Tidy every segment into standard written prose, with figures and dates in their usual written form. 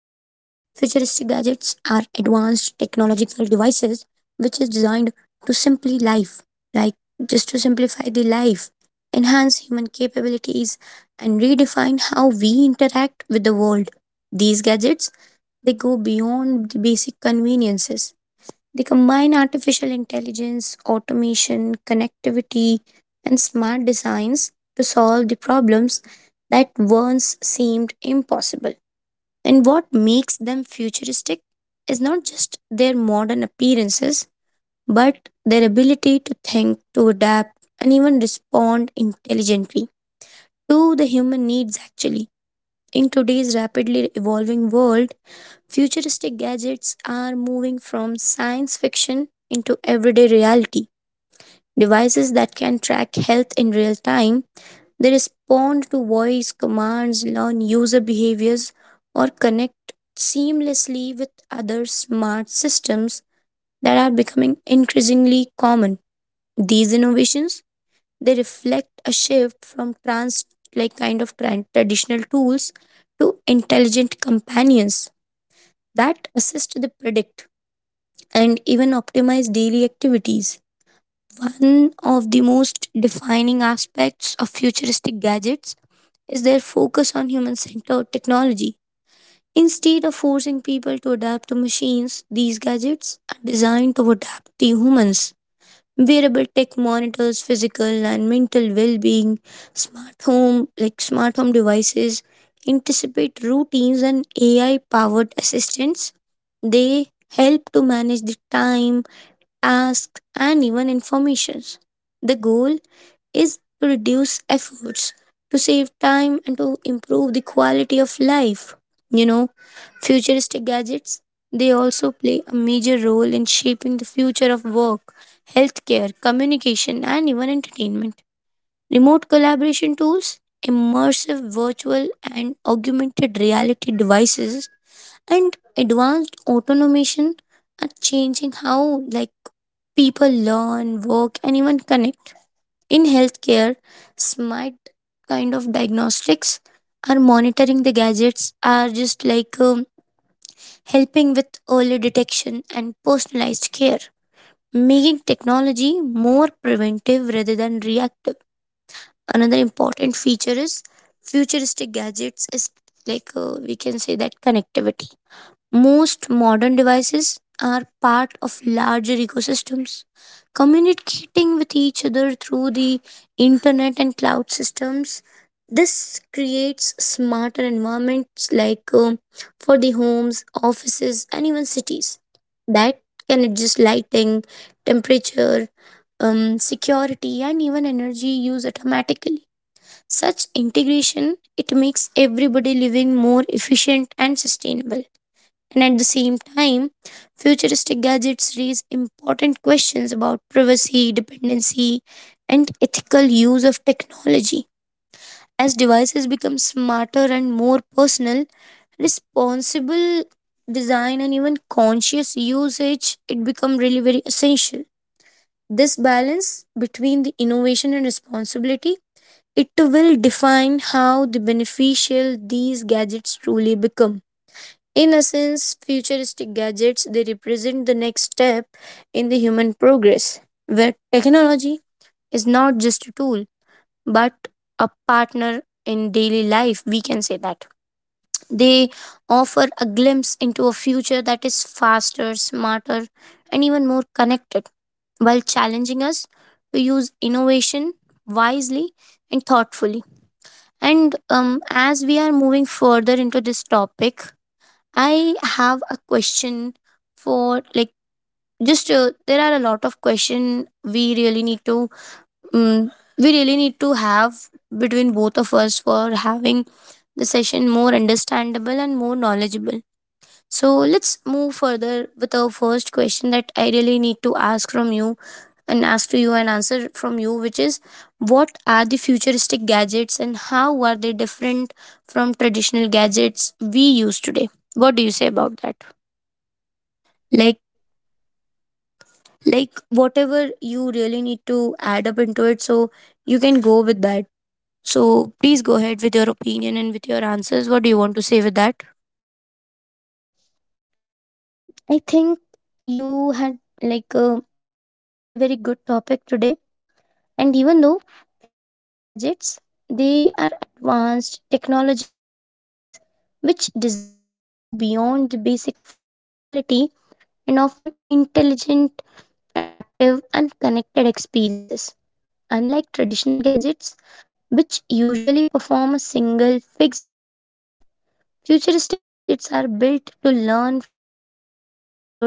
are advanced technological devices which is designed to simply life, like just to simplify the life, enhance human capabilities and redefine how we interact with the world. These gadgets they go beyond the basic conveniences. They combine artificial intelligence, automation, connectivity, and smart designs to solve the problems that once seemed impossible. And what makes them futuristic is not just their modern appearances, but their ability to think, to adapt, and even respond intelligently to the human needs, actually. In today's rapidly evolving world, futuristic gadgets are moving from science fiction into everyday reality. Devices that can track health in real time, they respond to voice commands, learn user behaviors, or connect seamlessly with other smart systems that are becoming increasingly common. These innovations they reflect a shift from trans like kind of tran- traditional tools to intelligent companions that assist the predict and even optimize daily activities. One of the most defining aspects of futuristic gadgets is their focus on human centered technology. Instead of forcing people to adapt to machines, these gadgets are designed to adapt to humans. Wearable tech monitors physical and mental well being, smart home devices, anticipate routines and AI powered assistants. They help to manage the time, asks, and even informations. The goal is to reduce efforts, to save time, and to improve the quality of life. You know, futuristic gadgets they also play a major role in shaping the future of work, healthcare, communication, and even entertainment. Remote collaboration tools, immersive virtual and augmented reality devices, and advanced automation are changing how people learn, work, and even connect. In healthcare, smart kind of diagnostics are monitoring the gadgets are just helping with early detection and personalized care, making technology more preventive rather than reactive. Another important feature is futuristic gadgets is like we can say that connectivity most modern devices are part of larger ecosystems, communicating with each other through the internet and cloud systems. This creates smarter environments like for the homes, offices, and even cities that can adjust lighting, temperature, security, and even energy use automatically. Such integration it makes everybody living more efficient and sustainable. And at the same time, futuristic gadgets raise important questions about privacy, dependency, and ethical use of technology. As devices become smarter and more personal, responsible design and even conscious usage, it become really very essential. This balance between the innovation and responsibility, it will define how the beneficial these gadgets truly become. In essence, futuristic gadgets they represent the next step in the human progress, where technology is not just a tool but a partner in daily life, we can say that. They offer a glimpse into a future that is faster, smarter, and even more connected, while challenging us to use innovation wisely and thoughtfully. And as we are moving further into this topic, I have a question for like just there are a lot of question we really need to um, we really need to have between both of us for having the session more understandable and more knowledgeable. So let's move further with our first question that I really need to ask from you and ask to you and answer from you, which is what are the futuristic gadgets and how are they different from traditional gadgets we use today? What do you say about that? like Like, Whatever you really need to add up into it, so you can go with that. So please go ahead with your opinion and with your answers, what do you want to say with that? I think you had pick a really very good topic today. And even though futuristic gadgets, they are advanced technological devices which designed to go beyond the basic functionality and offer intelligent, adaptive, and connected experiences. Unlike traditional gadgets, which usually perform a single fixed task, futuristic gadgets are built to learn from users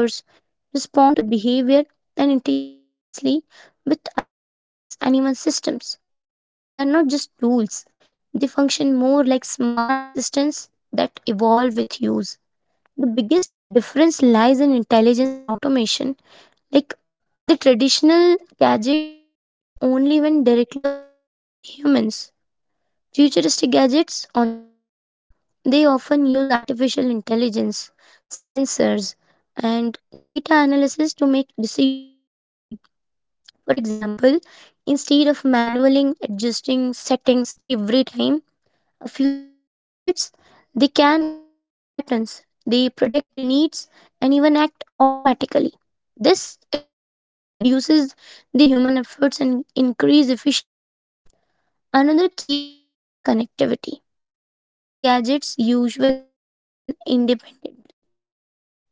respond to their behavior, and integrate seamlessly with other devices and even systems. They are not just tools, they function more like smart assistants that evolve with use. The biggest difference lies in intelligence and automation. Like the traditional gadgets work only when directly operated by the humans. Futuristic gadgets, on the other hand, they often use artificial intelligence, sensors, and data analysis to make decisions on their own. For example, instead of manually adjusting settings every time, futuristic gadgets they can observe the patterns, they predict the needs, and even act automatically. This shift reduces the human efforts and increase efficiency. Another key difference is connectivity. Traditional gadgets usually function independently.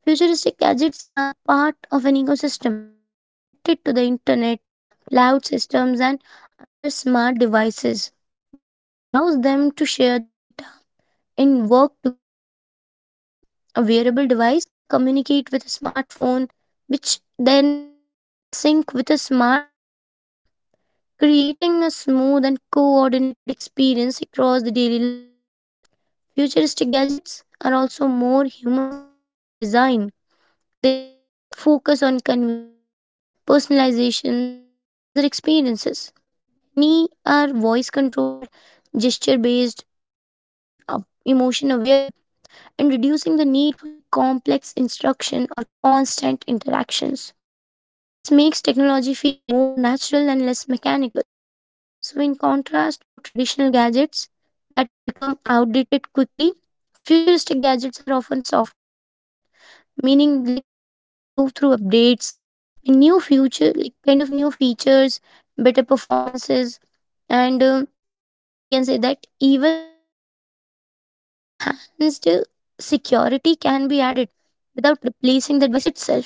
Futuristic gadgets are part of an ecosystem connected to the internet, cloud systems, and other smart devices. This allows them to share the data and work together. A wearable device, it can communicate with a smartphone, which can then sync with a smart home system, creating a smooth and coordinated experience across the daily life. Futuristic gadgets are also more human centered in design. They just focus on convenience, personalization, and user experiences. Many are voice controlled, gesture based, or even emotion aware, and reducing the need for the complex instruction or constant interactions. This makes technology feel more natural and less mechanical. So, in contrast to traditional gadgets that become outdated quickly, futuristic gadgets are often software driven, meaning like they can improve through updates, and new future, like kind of new features, better performances, and we can say that even enhanced security can be added without replacing the device itself.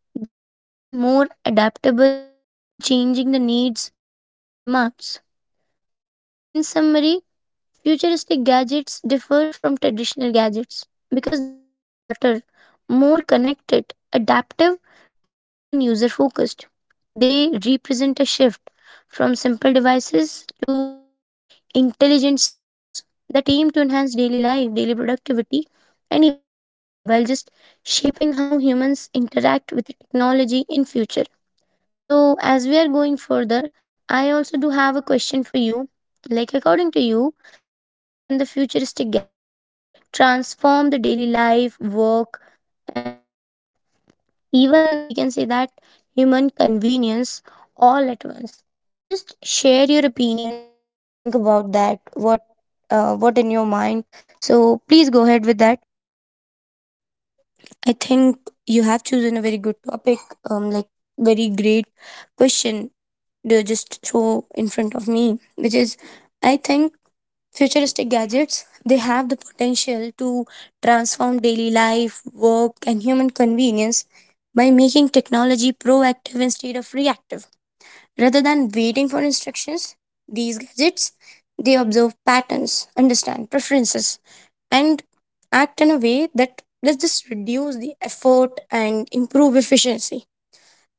This makes them more adaptable to changing the needs and future demands. So, in summary, futuristic gadgets differ from traditional gadgets because they are smarter, more connected, adaptive, and even user focused. They represent a shift from simple devices to the intelligent systems that aim to enhance daily life, daily productivity, and even well being while just shaping how humans interact with technology in future. So, as we are going further, I also do have a question for you. Like, according to you, how can the futuristic gadgets transform the daily life, work, and even we can say that human convenience all at once? Just share your opinion, whatever you think about that, what in your mind. So please go ahead with that. I think you have chosen a very good topic, um like very great question to just throw in front of me, which is I think futuristic gadgets they have the potential to transform daily life, work and human convenience by making technology proactive instead of reactive. Rather than waiting for instructions, these gadgets they observe patterns, understand preferences, and act in a way that let's just reduce the effort and improve efficiency.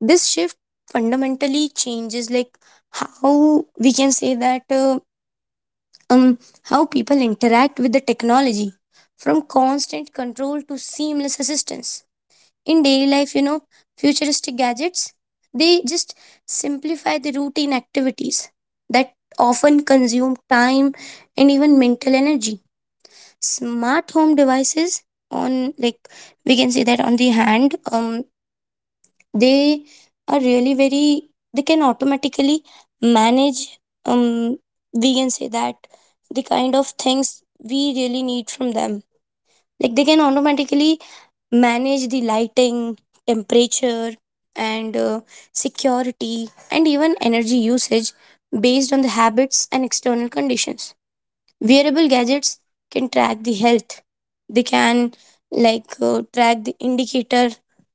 This shift fundamentally changes like how we can say that um how people interact with the technology from constant control to seamless assistance in daily life. Futuristic gadgets they just simplify the routine activities that often consume time and even mental energy. Smart home devices on like we can say that on the hand they are really very they can automatically manage um we can say that the kind of things we really need from them, like they can automatically manage the lighting, temperature, and security, and even energy usage based on the habits and external conditions. Wearable gadgets can track the health, they can like track the indicator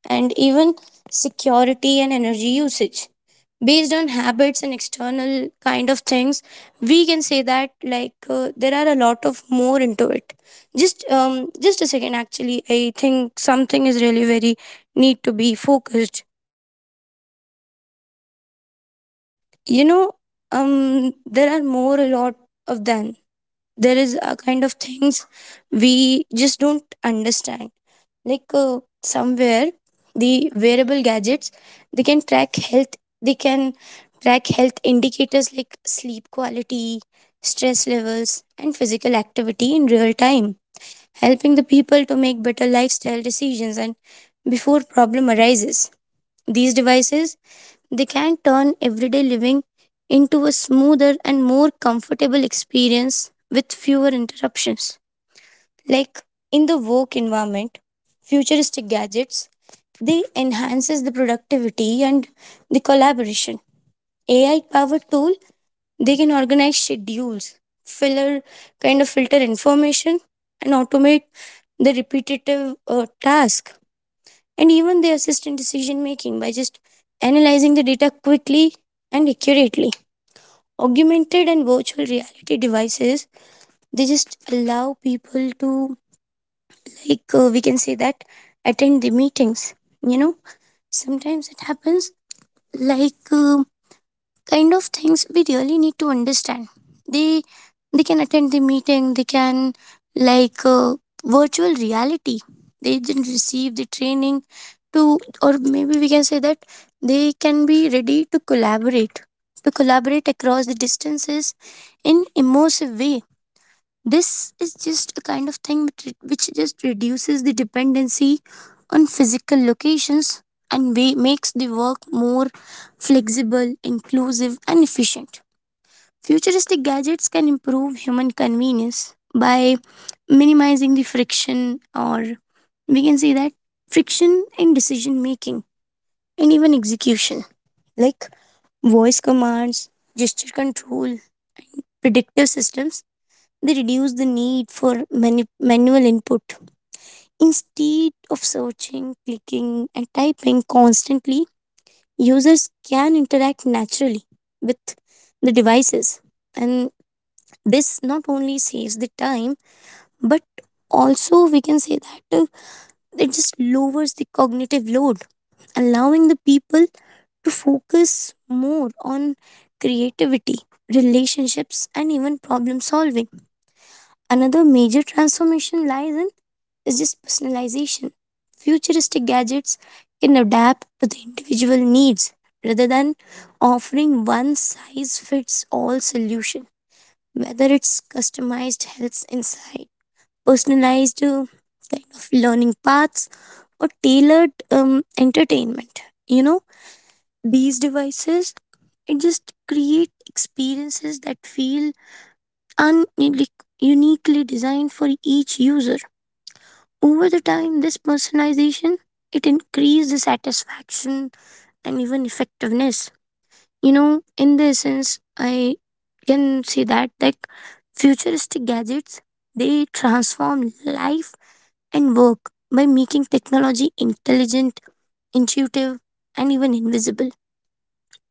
and even security and energy usage based on habits and external kind of things we can say that like there are a lot of more into it, just a second, actually I think something is really very need to be focused. you know there are more a lot of than there is a kind of things we just don't understand, like somewhere the wearable gadgets they can track health indicators like sleep quality, stress levels and physical activity in real time, helping the people to make better lifestyle decisions and before problem arises these devices they can turn everyday living into a smoother and more comfortable experience with fewer interruptions. like in the work environment, futuristic gadgets they enhances the productivity and the collaboration. AI powered tool they can organize schedules, filler kind of filter information and automate the repetitive task and even the assistant decision making by just analyzing the data quickly and accurately. Augmented and virtual reality devices they just allow people to like we can say that attend the meetings. you know Sometimes it happens like kind of things we really need to understand. they they can attend the meeting, they can like virtual reality, they didn't receive the training to, or maybe we can say that they can be ready to collaborate across the distances in immersive way. This is just a kind of thing which which just reduces the dependency on physical locations and makes the work more flexible, inclusive, and efficient. Futuristic gadgets can improve human convenience by minimizing the friction, or we can say that friction in decision making and even execution, like voice commands, gesture control, predictive systems they reduce the need for manual input. Instead of searching, clicking, and typing constantly, users can interact naturally with the devices. And this not only saves the time, but also we can say that it just lowers the cognitive load, allowing the people to focus more on creativity, relationships, and even problem solving. Another major transformation lies in is just personalization. Futuristic gadgets can adapt to the individual needs rather than offering one size fits all solution. Whether it's customized health insight, personalized learning paths, or tailored entertainment, you know, these devices it just create experiences that feel un- like, uniquely designed for each user. Over the time, this personalization it increased the satisfaction and even effectiveness. You know, in the sense, I can say that like futuristic gadgets they transform life and work by making technology intelligent, intuitive, and even invisible.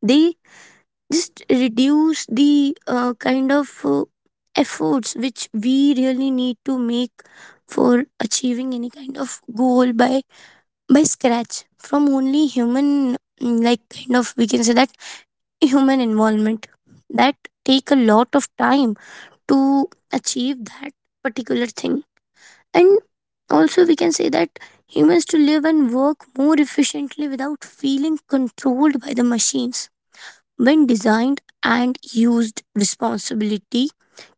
They just reduce the efforts which we really need to make for achieving any kind of goal by scratch from only human we can say that human involvement that take a lot of time to achieve that particular thing, and also we can say that humans to live and work more efficiently without feeling controlled by the machines. When designed and used responsibility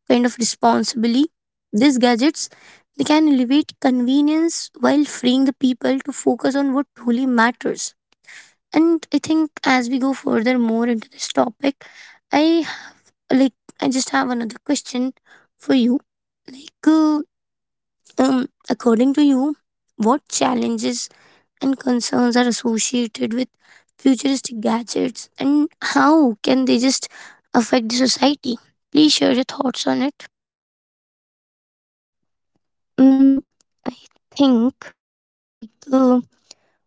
kind of responsibly, these gadgets they can elevate convenience while freeing the people to focus on what truly matters. And I think as we go further more into this topic, I have like I just have another question for you. Like, according to you, what challenges and concerns are associated with futuristic gadgets, and how can they just affect the society? Please share your thoughts on it. Mm, I think like.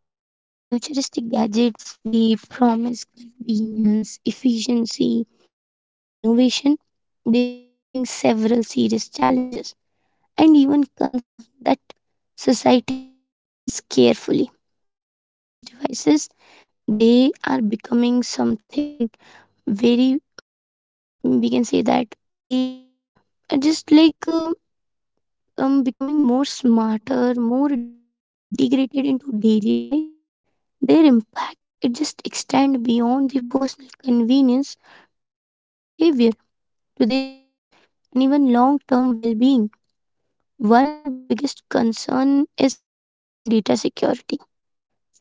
While the futuristic gadgets they promise convenience, efficiency, and even innovation, they also bring several serious challenges and even concerns that society must address carefully as these devices they are becoming something very we can say that they are just becoming more smarter more deeply integrated into daily life. Their impact it just extend beyond the personal convenience to social behavior, to the ethics, and even long-term well-being. One of the biggest concern is privacy and data security.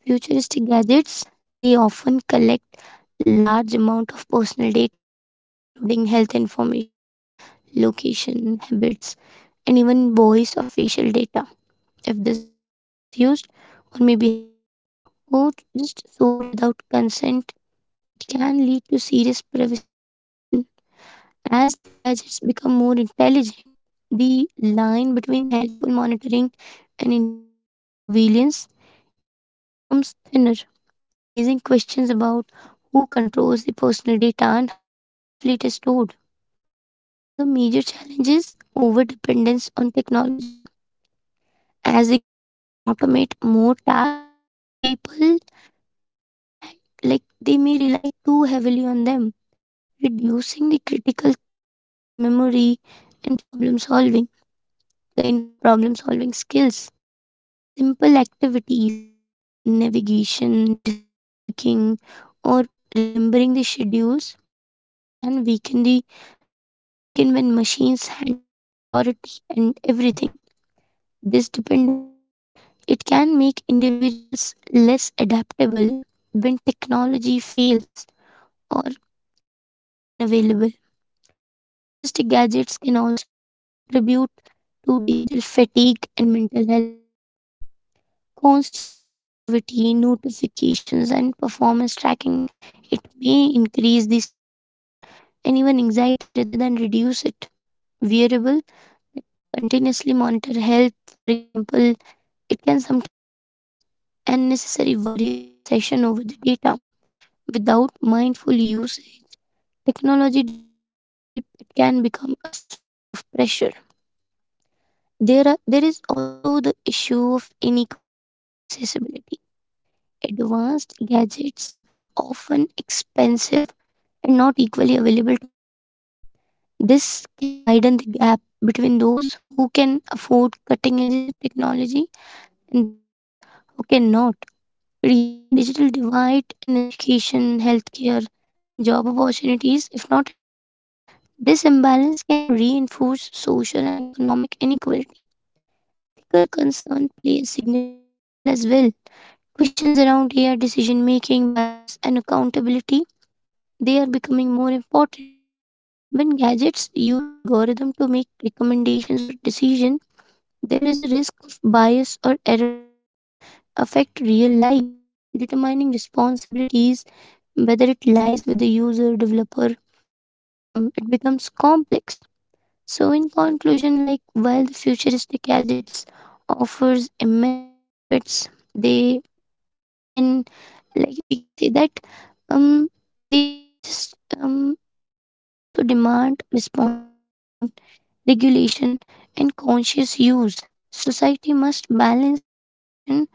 Futuristic gadgets they often collect large amount of personal data, including health information, location, habits, and even voice or facial data. If this data is misused or may be hacked or just sold without consent it can lead to serious privacy violation. As the gadgets become more intelligent, the line between helpful monitoring and intrusive surveillance it becomes thinner, raising questions about who controls the personal data and how safely it is stored. Another major challenge is overdependence on technology. As the gadgets automate more tasks, people may rely may rely too heavily on them reducing the critical thinking, memory, and problem solving skills. Simple activities like navigation, decision making, or remembering the schedules it can weaken the like weaken when machines handle security and everything. This dependency it can make individuals less adaptable when technology fails or is just unavailable. Futuristic gadgets can also contribute to digital fatigue and mental health issues. Constant connectivity, notifications, and performance tracking, it may increase the stress and even anxiety rather than reduce it. Wearable that continuously monitor health, for example, it can sometimes cause unnecessary worry or obsession over the data. Without mindful usage, technology designed to help it can become a source of pressure. There, are, there is also the issue of inequality and accessibility. Advanced gadgets are often expensive and not equally available to everyone. This can widen the gap between those who can afford cutting edges of technology and those who cannot, creating a digital divide in education, healthcare, and job opportunities. If not addressed, this imbalance can reinforce social and economic inequality. Ethical concern play a significant role as well. Questions around AI decision making, bias, and accountability they are becoming more important. When gadgets use algorithm to make recommendations or decision, there is a risk of bias or errors that can affect real lives. Determining responsibilities, whether it lies with the user, developer, or system, it becomes complex. So in conclusion, like while the futuristic gadgets offers immense benefits, they can like we can say that um they just um they just also demand responsible design, regulation and conscious use. Society must balance innovation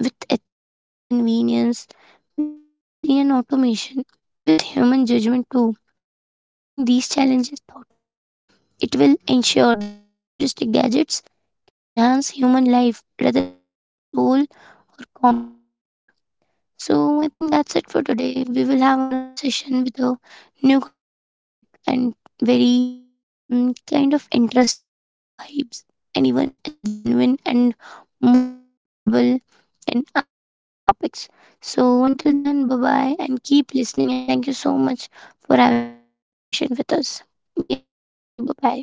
with ethics, convenience, with privacy and automation, with human judgment too. Addressing these challenges thoughtfully it will ensure that futuristic gadgets can enhance human life rather than control or complicate it. So I think that's it for today. We will have another session with a new kind of topic and very kind of interestingly vibes and even genuine and more knowledgeable and eye-opening topics. So until then, bye-bye and keep listening and thank you so much for having such a good session with us. Yeah, thank you. Bye-bye.